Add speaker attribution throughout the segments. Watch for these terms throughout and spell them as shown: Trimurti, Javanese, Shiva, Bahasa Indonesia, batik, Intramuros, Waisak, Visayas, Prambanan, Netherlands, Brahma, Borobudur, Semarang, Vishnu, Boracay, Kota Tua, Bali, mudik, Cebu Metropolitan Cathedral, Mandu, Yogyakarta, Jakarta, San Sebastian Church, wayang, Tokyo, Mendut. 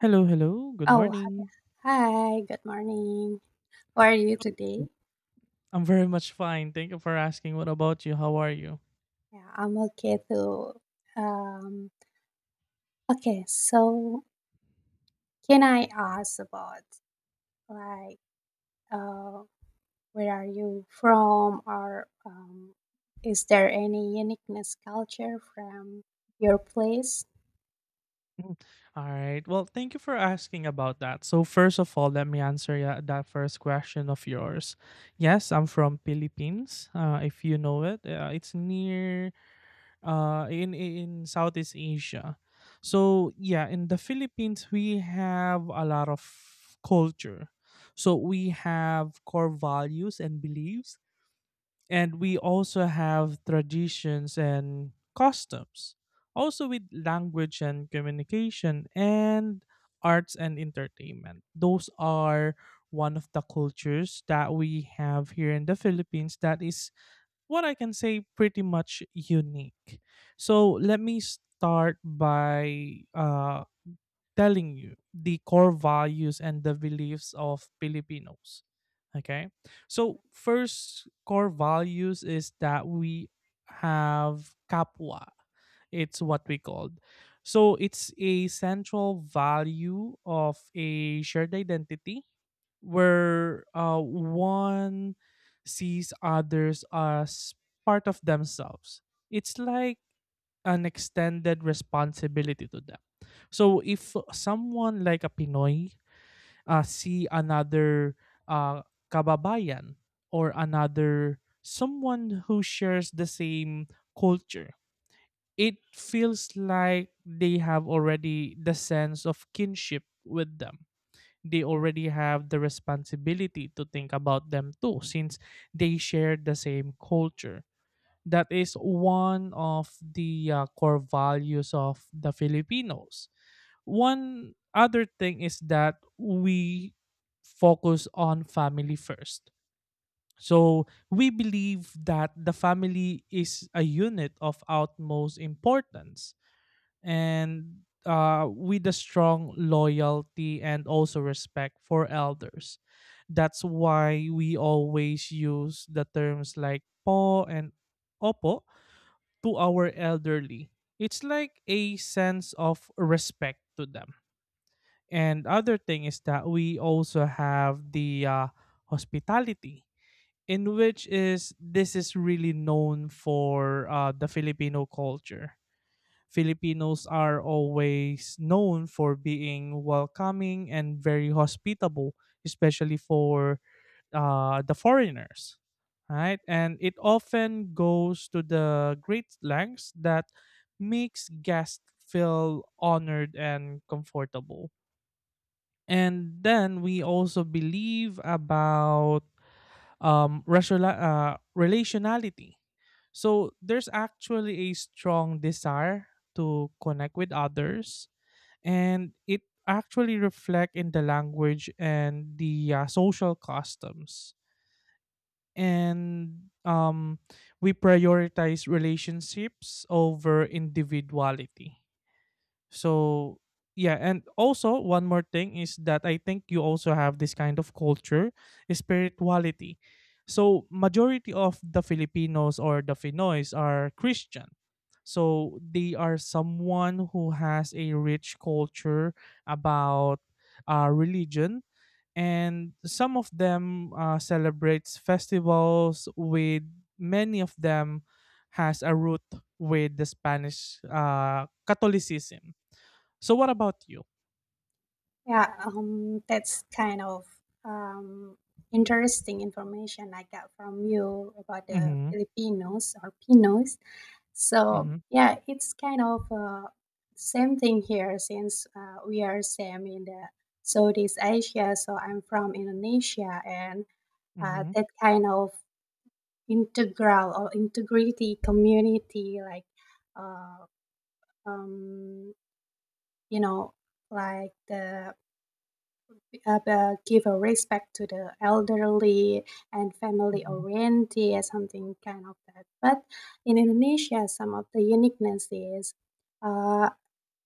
Speaker 1: Hello, hello. Good
Speaker 2: Oh,
Speaker 1: morning.
Speaker 2: hi. Good morning. How are you today?
Speaker 1: Yep. I'm very much fine. Thank you for asking. What about you? How are you?
Speaker 2: Yeah, I'm okay too. Um, okay, so can I ask about like uh, where are you from, or is there any uniqueness culture from your place?
Speaker 1: Mm. All right. Well, thank you for asking about that. So, first of all, let me answer that first question of yours. Yes, I'm from Philippines. If you know it, it's near in Southeast Asia. So, yeah, in the Philippines, we have a lot of culture. So we have core values and beliefs, and we also have traditions and customs, also with language and communication, and arts and entertainment. Those are one of the cultures that we have here in the Philippines that is what I can say pretty much unique. So let me start by telling you the core values and the beliefs of Filipinos. Okay. So, first core values is that we have kapwa. It's what we called. So, it's a central value of a shared identity where one sees others as part of themselves. It's like an extended responsibility to them. So if someone like a Pinoy see another uh, kababayan, or another someone who shares the same culture, it feels like they have already the sense of kinship with them. They already have the responsibility to think about them too, since they share the same culture. That is one of the core values of the Filipinos. One other thing is that we focus on family first. So we believe that the family is a unit of utmost importance, and with a strong loyalty and also respect for elders. That's why we always use the terms like po and opo to our elderly. It's like a sense of respect to them. And other thing is that we also have the hospitality, in which is this is really known for the Filipino culture. Filipinos are always known for being welcoming and very hospitable, especially for the foreigners, right? And it often goes to the great lengths that makes guests feel honored and comfortable. And then we also believe about relationality. So there's actually a strong desire to connect with others, and it actually reflect in the language and the social customs, and we prioritize relationships over individuality. So yeah, and also one more thing is that I think you also have this kind of culture, spirituality. So majority of the Filipinos or the Finoys are Christian. So they are someone who has a rich culture about religion, and some of them celebrates festivals with many of them has a root with the spanish catholicism. So what about you?
Speaker 2: Yeah, that's kind of um, interesting information I got from you about the
Speaker 1: Mm-hmm,
Speaker 2: Filipinos or Pinos. So
Speaker 1: mm-hmm,
Speaker 2: yeah, it's kind of same thing here since we are same in the Southeast Asia. So I'm from Indonesia, and
Speaker 1: mm-hmm,
Speaker 2: that kind of integral or integrity community, like uh, um, you know, like the give a respect to the elderly and family
Speaker 1: mm-hmm,
Speaker 2: oriented, something kind of that. But in Indonesia, some of the uniqueness is uh,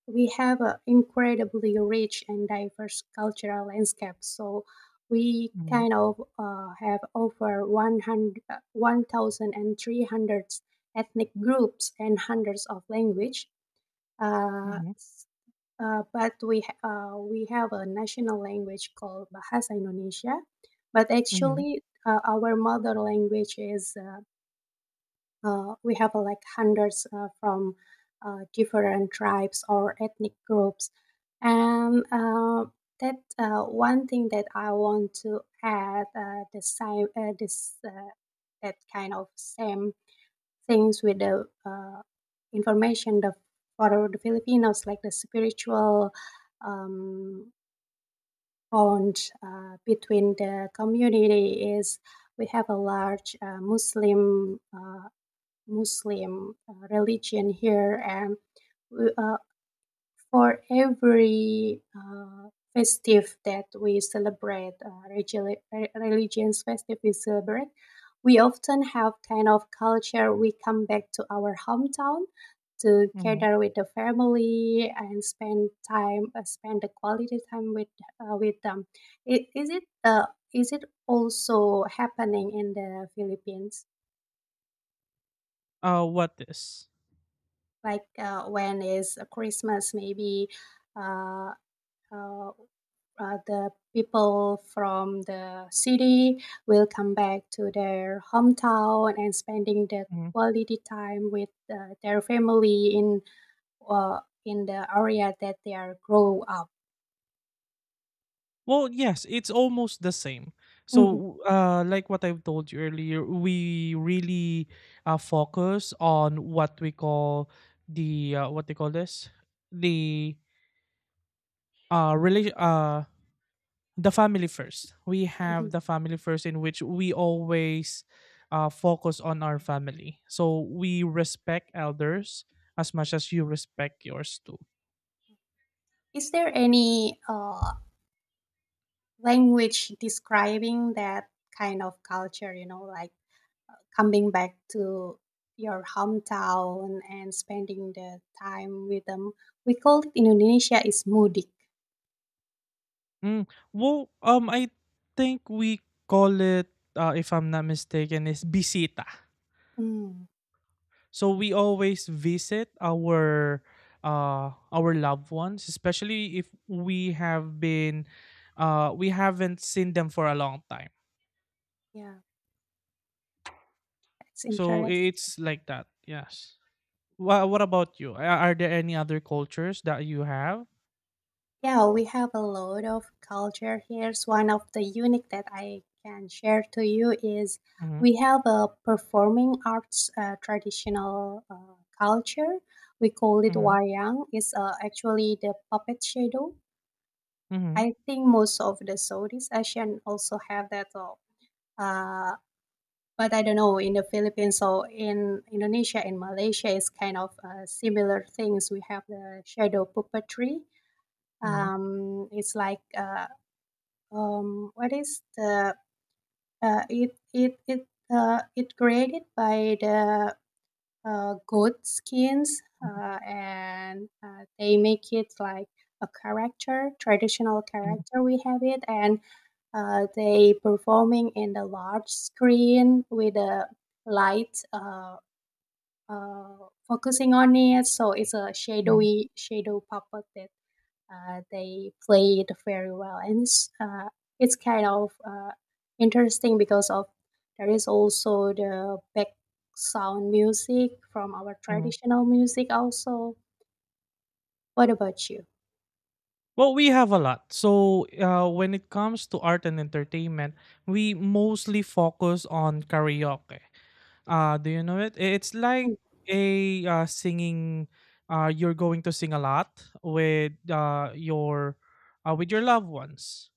Speaker 2: we have an incredibly rich and diverse cultural landscape. So we
Speaker 1: mm-hmm,
Speaker 2: kind of have over 100, 1,300 ethnic groups and hundreds of language. Uh,
Speaker 1: mm-hmm,
Speaker 2: but we have a national language called Bahasa Indonesia. But
Speaker 1: mm-hmm.
Speaker 2: actually, our mother language is we have like hundreds from different tribes or ethnic groups, and that one thing that I want to add the same this that kind of same things with the information the for the Filipinos, like the spiritual um, bond between the community is we have a large Muslim religion here, and we, for every festive that we celebrate, religious religions festive we celebrate, we often have kind of culture. We come back to our hometown to
Speaker 1: Mm-hmm.
Speaker 2: gather with the family and spend time, spend the quality time with them. I- Is it uh, is it also happening in the Philippines?
Speaker 1: What is
Speaker 2: Like when is Christmas? Maybe uh, uh, the people from the city will come back to their hometown and spending the
Speaker 1: Mm-hmm.
Speaker 2: quality time with their family uh, in the area that they are grow up.
Speaker 1: Well, yes, it's almost the same.
Speaker 2: Mhm,
Speaker 1: So, like what I've told you earlier, we really focus on what we call the what they call this the relation the family first. We
Speaker 2: mhm.
Speaker 1: have the family first, in which we always focus on our family. So we respect elders as much as you respect yours too.
Speaker 2: Is there any language describing that kind of culture? You know, like coming back to your hometown and spending the time with them. We call it in Indonesia is mudik.
Speaker 1: I think we call it, if I'm not mistaken, is bisita.
Speaker 2: Mm,
Speaker 1: So we always visit our loved ones, especially if we have been we haven't seen them for a long time.
Speaker 2: yeah, that's
Speaker 1: So
Speaker 2: interesting.
Speaker 1: it's like that. Yes. What about you? Are there any other cultures that you have?
Speaker 2: Yeah, we have a lot of culture here. So one of the unique that I can share to you is
Speaker 1: Mm-hmm,
Speaker 2: we have a performing arts traditional culture. We call it
Speaker 1: mm-hmm,
Speaker 2: wayang. It's actually the puppet shadow.
Speaker 1: mm-hmm,
Speaker 2: I think most of the Southeast Asian also have that. Uh, but I don't know in the Philippines or in Indonesia, in Malaysia, it's kind of similar things. We have the shadow puppetry it's like what is the uh, it it it it created by the goat skins
Speaker 1: mm-hmm,
Speaker 2: and they make it like a character traditional
Speaker 1: mm-hmm, mm-hmm.
Speaker 2: character we have it and they performing in the large screen with a light uh, focusing on it so it's a
Speaker 1: Mm-hmm.
Speaker 2: shadowy shadow puppet that they played very well, and it's kind of interesting because of there is also the back sound music from our
Speaker 1: Mm-hmm.
Speaker 2: traditional music also. What about you?
Speaker 1: Well, we have a lot. So, when it comes to art and entertainment, we mostly focus on karaoke. Do you know it? It's like a singing. You're going to sing a lot with your with your loved ones.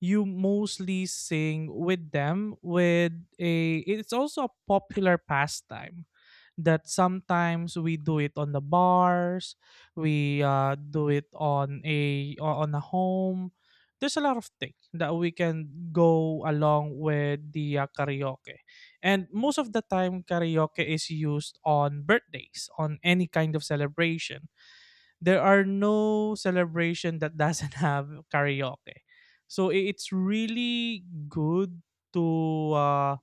Speaker 1: You mostly sing with them. With a, it's also a popular pastime that sometimes we do it on the bars, we do it on a on a home. There's a lot of things that we can go along with the karaoke, and most of the time karaoke is used on birthdays, on any kind of celebration. There are no celebration that doesn't have karaoke, so it's really good to uh,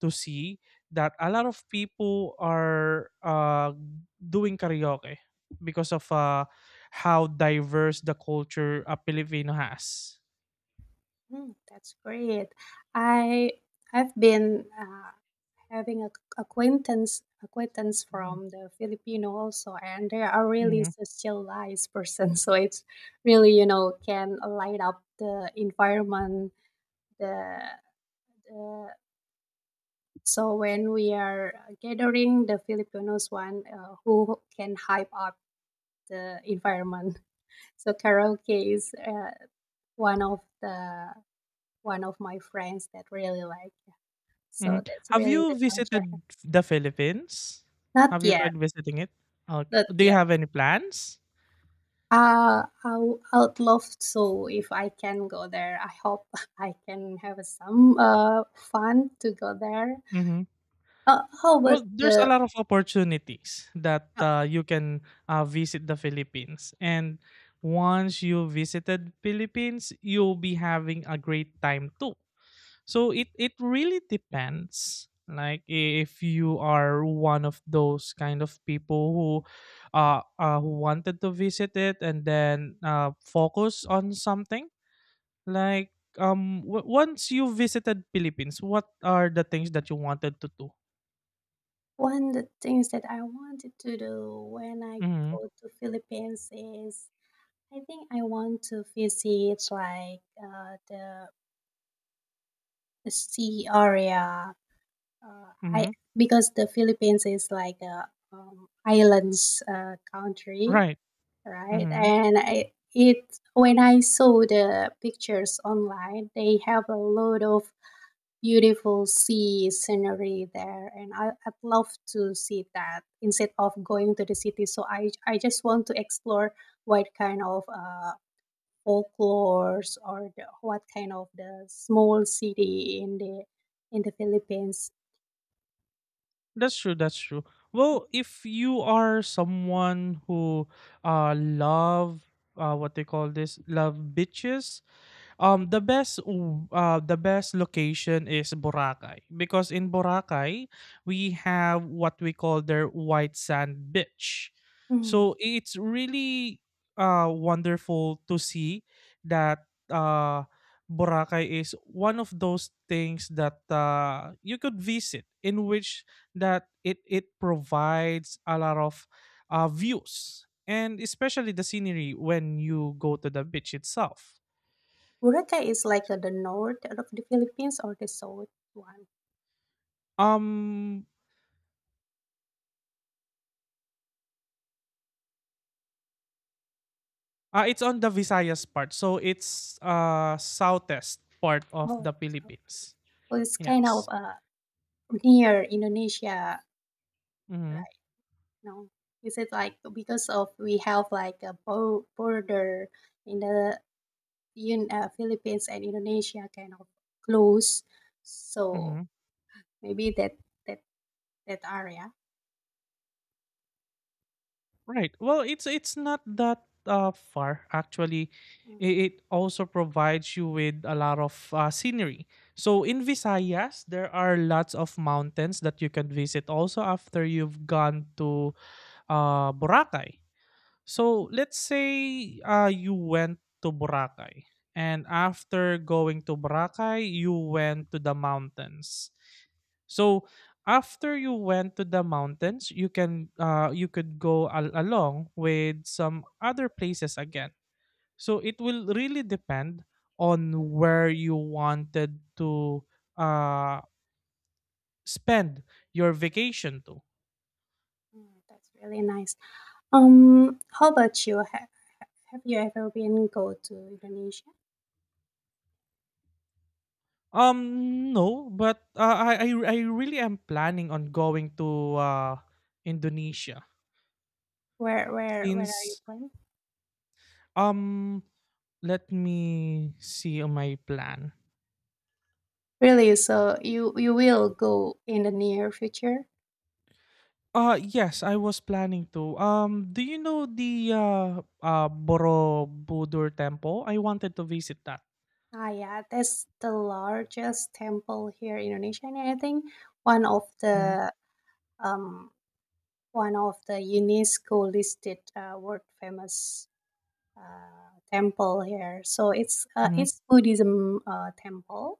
Speaker 1: to see that a lot of people are doing karaoke because of how diverse the culture Filipino has.
Speaker 2: Mhm, that's great. I I've been having a acquaintance
Speaker 1: Mhm,
Speaker 2: from the Filipino also, and they are really
Speaker 1: mhm,
Speaker 2: socialized person. So it's really you know can light up the environment, the Uh, so when we are gathering, the Filipinos one who can hype up the environment. So karaoke is one of the one of my friends that really like. So
Speaker 1: mhm.
Speaker 2: that's
Speaker 1: Have
Speaker 2: really
Speaker 1: you
Speaker 2: the culture.
Speaker 1: visited the Philippines?
Speaker 2: Not
Speaker 1: Have you
Speaker 2: yet,
Speaker 1: tried visiting it? Okay.
Speaker 2: not
Speaker 1: Do you
Speaker 2: yet.
Speaker 1: have any plans?
Speaker 2: I would love to if I can go there. I hope I can have some fun to go there.
Speaker 1: Hmm.
Speaker 2: How about
Speaker 1: Well, there's a
Speaker 2: the
Speaker 1: lot of opportunities that you can visit the Philippines, and once you visited Philippines, you'll be having a great time too. So it really depends. Like if you are one of those kind of people who wanted to visit it and then focus on something like once you visited Philippines, what are the things that you wanted to do?
Speaker 2: One of the things that I wanted to do when I
Speaker 1: Mm-hmm.
Speaker 2: go to Philippines is I think I want to visit like the sea area. Uh, I
Speaker 1: Mm-hmm.
Speaker 2: because the Philippines is like a islands country,
Speaker 1: Right.
Speaker 2: right?
Speaker 1: Mm-hmm.
Speaker 2: And I, it when I saw the pictures online, they have a lot of beautiful sea scenery there and I'd love to see that instead of going to the city so I just want to explore what kind of folklores or the, what kind of the small city in the Philippines.
Speaker 1: That's true. That's true. Well, if you are someone who love what they call this love bitches. Um, the best the best location is Boracay, because in Boracay we have what we call their white sand beach.
Speaker 2: Hmm.
Speaker 1: So it's really wonderful to see that Boracay is one of those things that you could visit, in which that it provides a lot of views, and especially the scenery when you go to the beach itself.
Speaker 2: Boracay is like the north of the Philippines or the south one?
Speaker 1: Um, it's on the Visayas part. So it's southeast part of
Speaker 2: Oh,
Speaker 1: the Philippines.
Speaker 2: well, it's kind of
Speaker 1: Yes.
Speaker 2: near Indonesia,
Speaker 1: Mm-hmm.
Speaker 2: right? No, you said like because of we have like a border in the Philippines and Indonesia kind of close, so
Speaker 1: Mm-hmm.
Speaker 2: maybe that that area.
Speaker 1: Right. Well, it's not that far actually.
Speaker 2: Mm,
Speaker 1: It also provides you with a lot of scenery. So in Visayas, there are lots of mountains that you can visit also after you've gone to Boracay. So let's say you went to Boracay, and after going to Boracay, you went to the mountains. So after you went to the mountains, you can you could go along with some other places again. So it will really depend on where you wanted to uh, spend your vacation to.
Speaker 2: mm, that's really nice. How about you? Have you ever been go to Indonesia?
Speaker 1: No, but I really am planning on going to Indonesia
Speaker 2: Where where are you
Speaker 1: since
Speaker 2: from?
Speaker 1: um let me see on my plan.
Speaker 2: Really? So you will go in the near future?
Speaker 1: Yes, I was planning to. Do you know the Borobudur temple? I wanted to visit that.
Speaker 2: Ah, yeah, that's the largest temple here in Indonesia, and I think one of
Speaker 1: Mhm,
Speaker 2: the um one of the UNESCO listed world famous temple here. So
Speaker 1: mhm,
Speaker 2: it's Buddhism temple.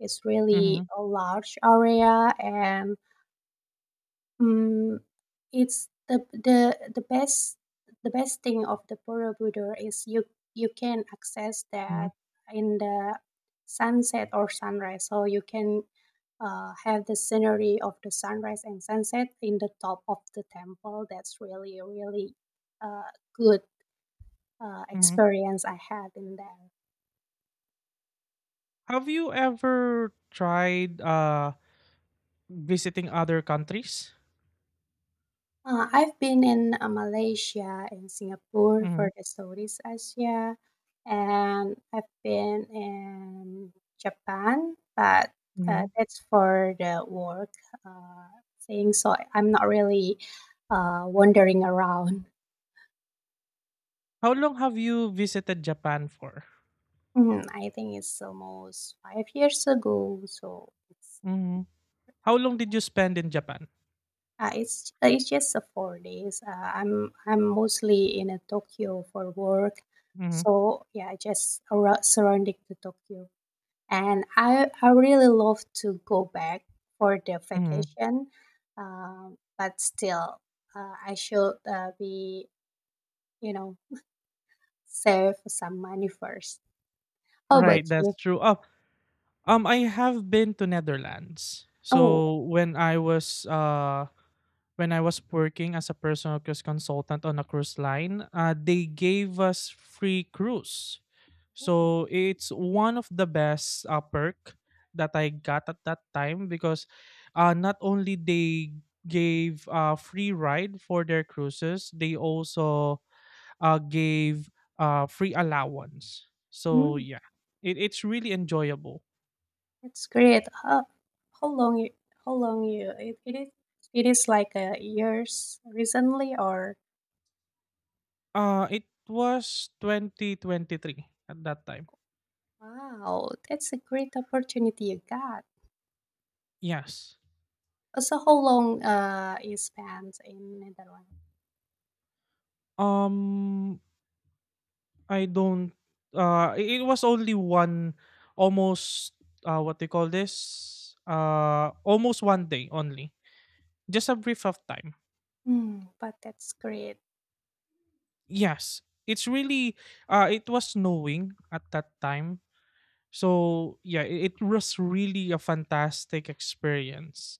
Speaker 2: It's really
Speaker 1: mhm,
Speaker 2: a large area, and um, it's the best thing of the Borobudur is you can access
Speaker 1: mhm,
Speaker 2: that in the sunset or sunrise. So you can have the scenery of the sunrise and sunset in the top of the temple. That's really really uh, good
Speaker 1: mhm.
Speaker 2: experience I had in there.
Speaker 1: Have you ever tried visiting other countries?
Speaker 2: I've been in Malaysia and Singapore
Speaker 1: Mhm,
Speaker 2: for the Southeast Asia, and I've been in Japan, but
Speaker 1: mhm.
Speaker 2: that's for the work uh, thing. So I'm not really wandering around.
Speaker 1: How long have you visited Japan for?
Speaker 2: Mm, I think it's almost 5 years ago, so it's
Speaker 1: Mhm. How long did you spend in Japan?
Speaker 2: It's just 4 days. I'm mostly in Tokyo for work,
Speaker 1: Mhm,
Speaker 2: so yeah, just around, surrounding to Tokyo, and I really love to go back for the
Speaker 1: mhm.
Speaker 2: vacation, but still, I should be you know save some money first. How
Speaker 1: Right,
Speaker 2: about
Speaker 1: that's
Speaker 2: you?
Speaker 1: true. Oh, I have been to Netherlands.
Speaker 2: Oh,
Speaker 1: So when I was working as a personal cruise consultant on a cruise line, they gave us free cruise. So it's one of the best perk that I got at that time, because not only they gave free ride for their cruises, they also gave free allowance. So
Speaker 2: mm.
Speaker 1: yeah, it, it's really enjoyable.
Speaker 2: That's great. How long you how long you it, it is it is like years recently or
Speaker 1: It was 2023 at that time.
Speaker 2: wow, that's a great opportunity you got.
Speaker 1: Yes.
Speaker 2: So how long you spent in Netherlands?
Speaker 1: Um I don't I- it was only one almost what they call this almost 1 day only, just a brief of time.
Speaker 2: Hmm, but that's great.
Speaker 1: Yes, it's really it was snowing at that time, so yeah, it was really a fantastic experience.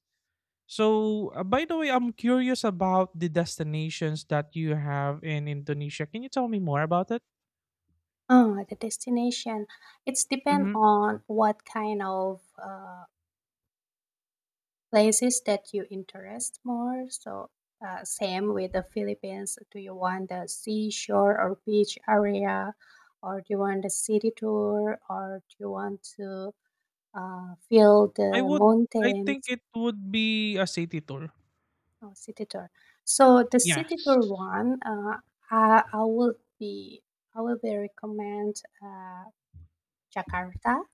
Speaker 1: So by the way, I'm curious about the destinations that you have in Indonesia. Can you tell me more about it?
Speaker 2: Oh, the destination. It's depend
Speaker 1: Mm-hmm.
Speaker 2: on what kind of places that you interest more. So, same with the Philippines. Do you want the seashore or beach area, or do you want the city tour, or do you want to feel
Speaker 1: I
Speaker 2: the
Speaker 1: would, I think
Speaker 2: mountains
Speaker 1: it would be a city tour.
Speaker 2: or city tour? So the city
Speaker 1: Yes.
Speaker 2: tour one, I will be recommend Jakarta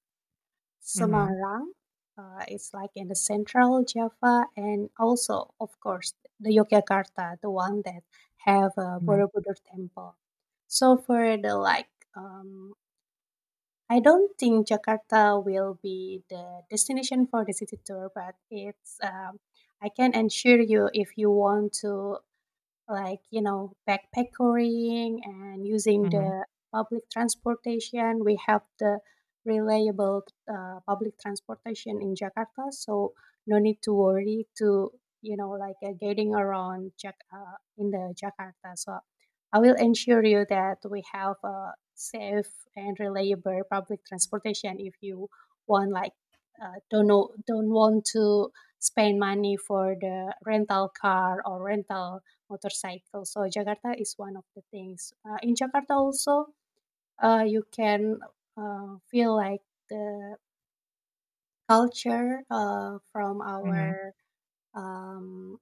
Speaker 1: Mhm.
Speaker 2: Semarang. It's like in the central Java and also, of course, the Yogyakarta, the one that have a
Speaker 1: Mhm.
Speaker 2: Borobudur temple. So for the like, I don't think Jakarta will be the destination for the city tour, but it's I can ensure you if you want to like you know backpacking and using
Speaker 1: Mhm.
Speaker 2: the public transportation we have the reliable public transportation in Jakarta so no need to worry to you know like getting around in the Jakarta so I will ensure you that we have a safe and reliable public transportation if you want like don't know don't want to spend money for the rental car or rental motorcycle. So Jakarta is one of the things. In Jakarta also, you can feel like the culture from
Speaker 1: Mhm.
Speaker 2: our um,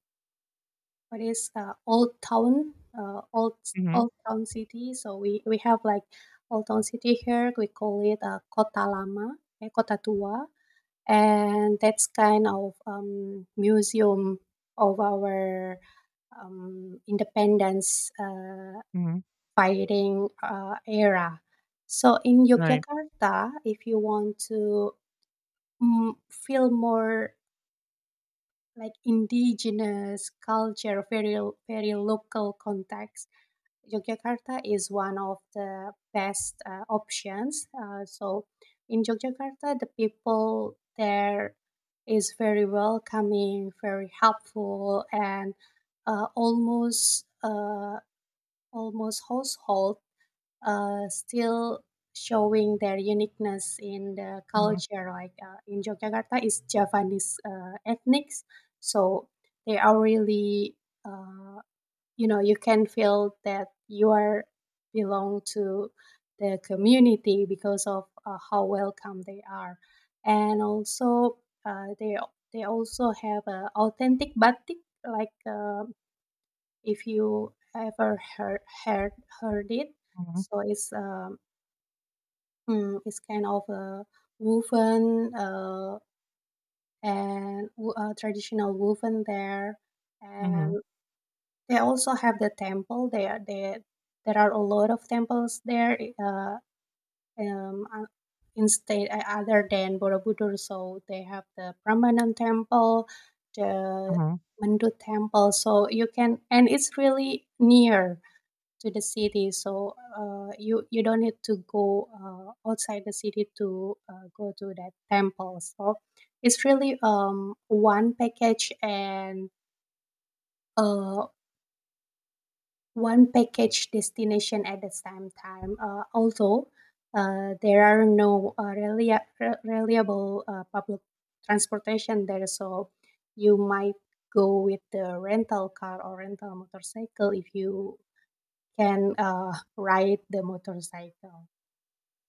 Speaker 2: what is old town, old
Speaker 1: Mhm.
Speaker 2: old town city. So we have like old town city here. We call it Kota Lama, eh, Kota Tua, and that's kind of museum of our independence
Speaker 1: Mhm.
Speaker 2: fighting era. So in
Speaker 1: Right.
Speaker 2: Yogyakarta, if you want to feel more like indigenous culture, very very local context, Yogyakarta is one of the best options. So in Yogyakarta, the people there is very welcoming, very helpful, and uh, almost uh, almost household still showing their uniqueness in the
Speaker 1: Mhm.
Speaker 2: culture. Like in Yogyakarta is Javanese ethnics, so they are really uh, you know you can feel that you are belong to the community because of how welcome they are, and also uh, they they also have authentic batik like. If you ever heard it
Speaker 1: Mhm.
Speaker 2: so it's mm, it's kind of a woven and traditional woven there,
Speaker 1: Mhm.
Speaker 2: and they also have the temple there. There are a lot of temples there. Uh, um, uh, other than Borobudur, so they have the Prambanan temple, the
Speaker 1: Mhm.
Speaker 2: Mandu temple. So you can, and it's really near to the city so you don't need to go outside the city to go to that temple so it's really one package and uh one package destination at the same time although there are no reliable public transportation there so you might go with the rental car or rental motorcycle if you can ride the motorcycle.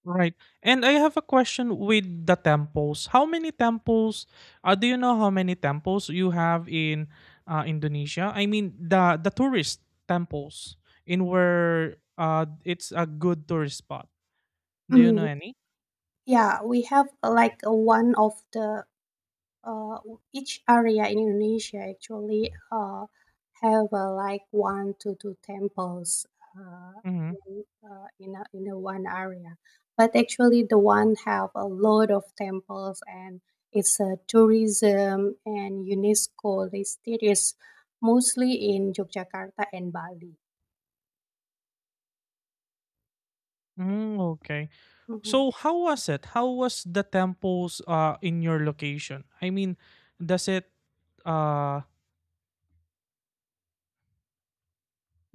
Speaker 1: Right. And I have a question with the temples. How many temples do you know how many temples you have in Indonesia? I mean the tourist temples in where it's a good tourist spot. Do you know
Speaker 2: Mm,
Speaker 1: any?
Speaker 2: yeah, we have like one of the uh, each area in Indonesia actually have like one to two temples uh,
Speaker 1: Mhm.
Speaker 2: in in a one area, but actually the one have a lot of temples and it's a tourism and UNESCO listed is mostly in Yogyakarta and Bali.
Speaker 1: Mm, okay.
Speaker 2: Mhm.
Speaker 1: So how was it? How was the temples in your location? I mean, does it uh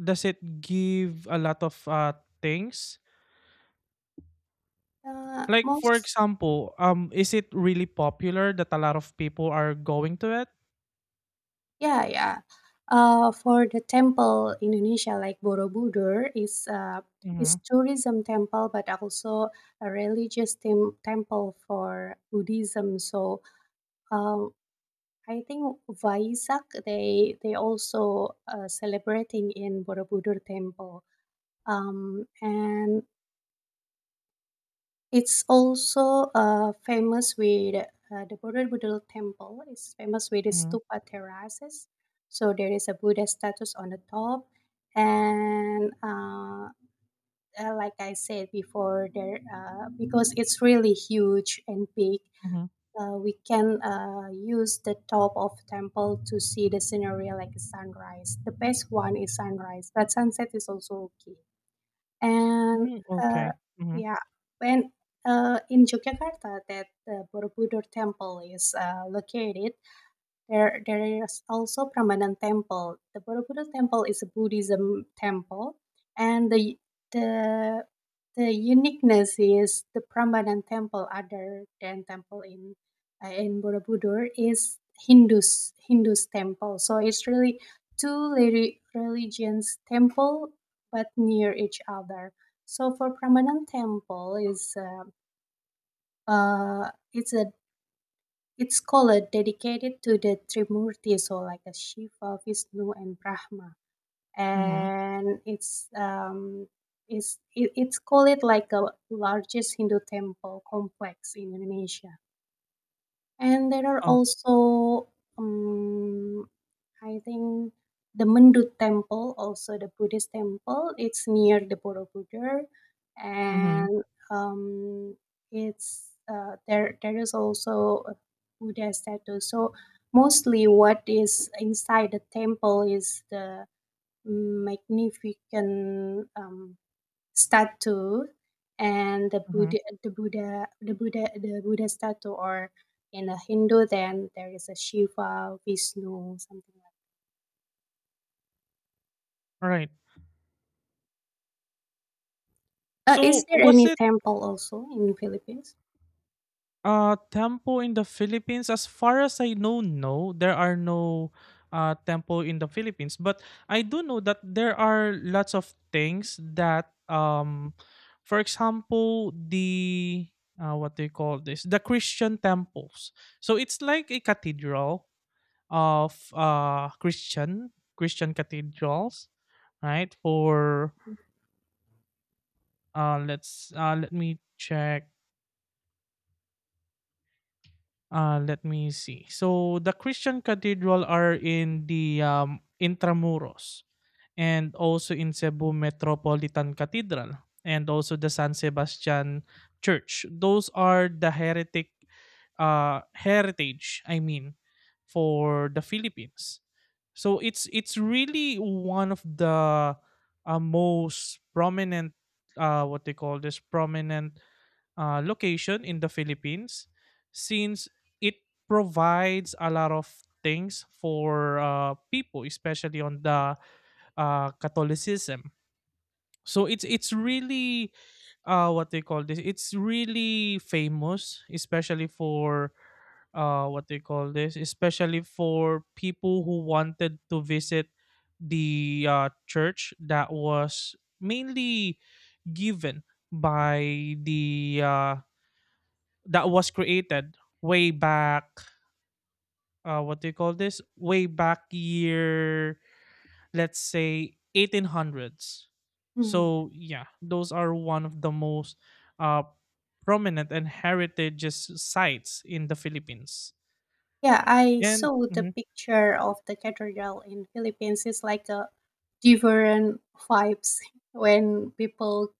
Speaker 1: does it give a lot of things? Like for
Speaker 2: Most
Speaker 1: example, is it really popular that a lot of people are going to it?
Speaker 2: yeah, yeah. For the temple Indonesia, like Borobudur is
Speaker 1: Mhm.
Speaker 2: tourism temple, but also a religious temple for Buddhism. So um, I think Waisak they also celebrating in Borobudur temple. And It's also famous with the Borobudur temple is famous with its
Speaker 1: Mhm.
Speaker 2: stupa terraces. So there is a Buddha statues on the top, and like I said before, there because it's really huge and big.
Speaker 1: Mhm.
Speaker 2: We can use the top of temple to see the scenery like sunrise. The best one is sunrise, but sunset is also okay. And
Speaker 1: Mm,
Speaker 2: uh,
Speaker 1: okay. Mhm.
Speaker 2: yeah, when in Yogyakarta, that the Borobudur temple is located, there is also Prambanan Temple. The Borobudur Temple is a Buddhism temple, and the the uniqueness is the Prambanan Temple, other than temple in Borobudur, is Hindus temple. So it's really two religions temple, but near each other. So for Prambanan Temple is. It's a its scholar dedicated to the Trimurti, so like a Shiva, Vishnu, and Brahma,
Speaker 1: Mhm.
Speaker 2: and it's it, it's called like a largest Hindu temple complex in Indonesia. And there are
Speaker 1: Oh.
Speaker 2: also um, I think the Mendut temple, also the Buddhist temple, it's near the Borobudur,
Speaker 1: Mhm.
Speaker 2: and um, it's there. There is also a Buddha statue. So mostly, what is inside the temple is the magnificent statue and the
Speaker 1: Mhm.
Speaker 2: Buddha, the Buddha statue, or in a Hindu, then there is a Shiva, Vishnu, something.
Speaker 1: Right.
Speaker 2: Is
Speaker 1: So
Speaker 2: there
Speaker 1: was
Speaker 2: any
Speaker 1: it
Speaker 2: temple also in Philippines?
Speaker 1: Tempo in the Philippines, as far as I know, no, there are no tempo in the Philippines. But I do know that there are lots of things that, for example, the what do you call this? The Christian temples. So it's like a cathedral of Christian cathedrals, right? For let me check. Let me see. So the Christian cathedral are in the Intramuros, and also in Cebu Metropolitan Cathedral, and also the San Sebastian Church. Those are the heretic heritage, I mean, for the Philippines. So it's really one of the most prominent what they call this prominent location in the Philippines, since it provides a lot of things for people, especially on the Catholicism. So it's really what they call this. It's really famous, especially for what they call this, especially for people who wanted to visit the church that was mainly given by the that was created way back what do you call this way back year, let's say 1800s.
Speaker 2: Mhm.
Speaker 1: So yeah, those are one of the most uh prominent and heritage sites in the Philippines.
Speaker 2: Yeah, I
Speaker 1: And
Speaker 2: saw the
Speaker 1: mm-hmm.
Speaker 2: picture of the cathedral in Philippines. It's like a different vibes when people,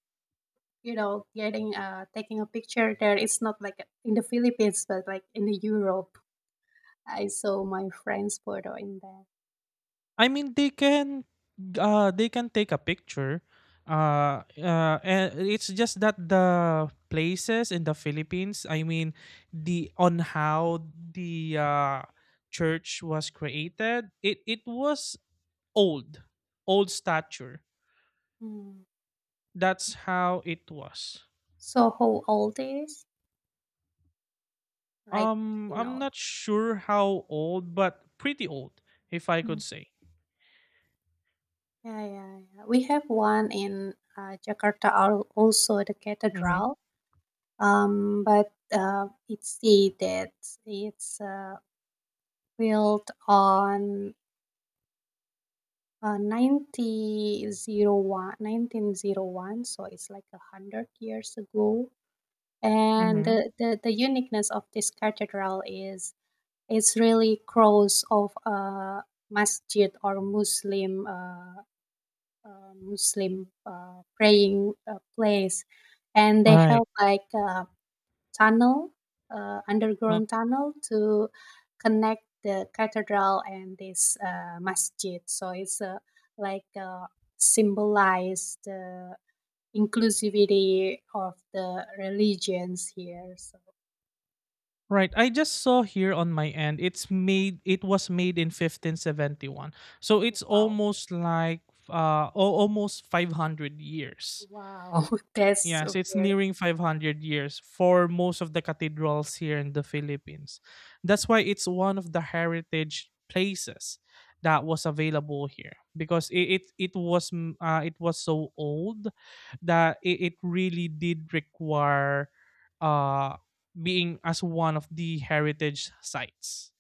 Speaker 2: you know, getting taking a picture there. It's not like in the Philippines, but like in the Europe. I saw my friend's photo in there.
Speaker 1: I mean, they can take a picture. And it's just that the places in the Philippines, I mean, the on how the church was created, it was old, old stature.
Speaker 2: Mm.
Speaker 1: That's how it was.
Speaker 2: So how old is like you
Speaker 1: I'm
Speaker 2: know.
Speaker 1: not sure how old, but pretty old, if I
Speaker 2: Mm.
Speaker 1: could say.
Speaker 2: Yeah, yeah, yeah. We have one in Jakarta, also the
Speaker 1: Mm-hmm.
Speaker 2: cathedral. But it's the that it's built on 1901, so it's like 100 years ago and
Speaker 1: Mm-hmm.
Speaker 2: the uniqueness of this cathedral is it's really cross of a masjid or Muslim praying place and they
Speaker 1: Right.
Speaker 2: have like tunnel, underground tunnel to connect the cathedral and this masjid. So it's like symbolize the inclusivity of the religions here. So
Speaker 1: Right. I just saw here on my end. It's made. It was made in 1571. So it's
Speaker 2: wow,
Speaker 1: almost like almost 500 years.
Speaker 2: wow, that's
Speaker 1: Yes,
Speaker 2: a
Speaker 1: it's
Speaker 2: very
Speaker 1: nearing 500 years for most of the cathedrals here in the Philippines. That's why it's one of the heritage places that was available here, because it was it was so old that it really did require uh being as one of the heritage sites.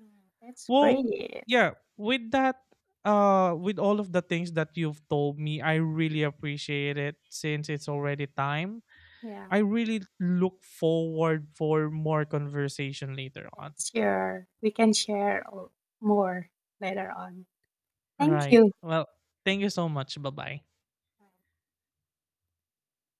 Speaker 2: Mm, that's
Speaker 1: Well,
Speaker 2: great.
Speaker 1: yeah, with that with all of the things that you've told me, I really appreciate it, since it's already time.
Speaker 2: Yeah,
Speaker 1: I really look forward for more conversation later
Speaker 2: yeah,
Speaker 1: on.
Speaker 2: sure. We can share more later on. Thank
Speaker 1: Right.
Speaker 2: you.
Speaker 1: Well, thank you so much. Bye bye.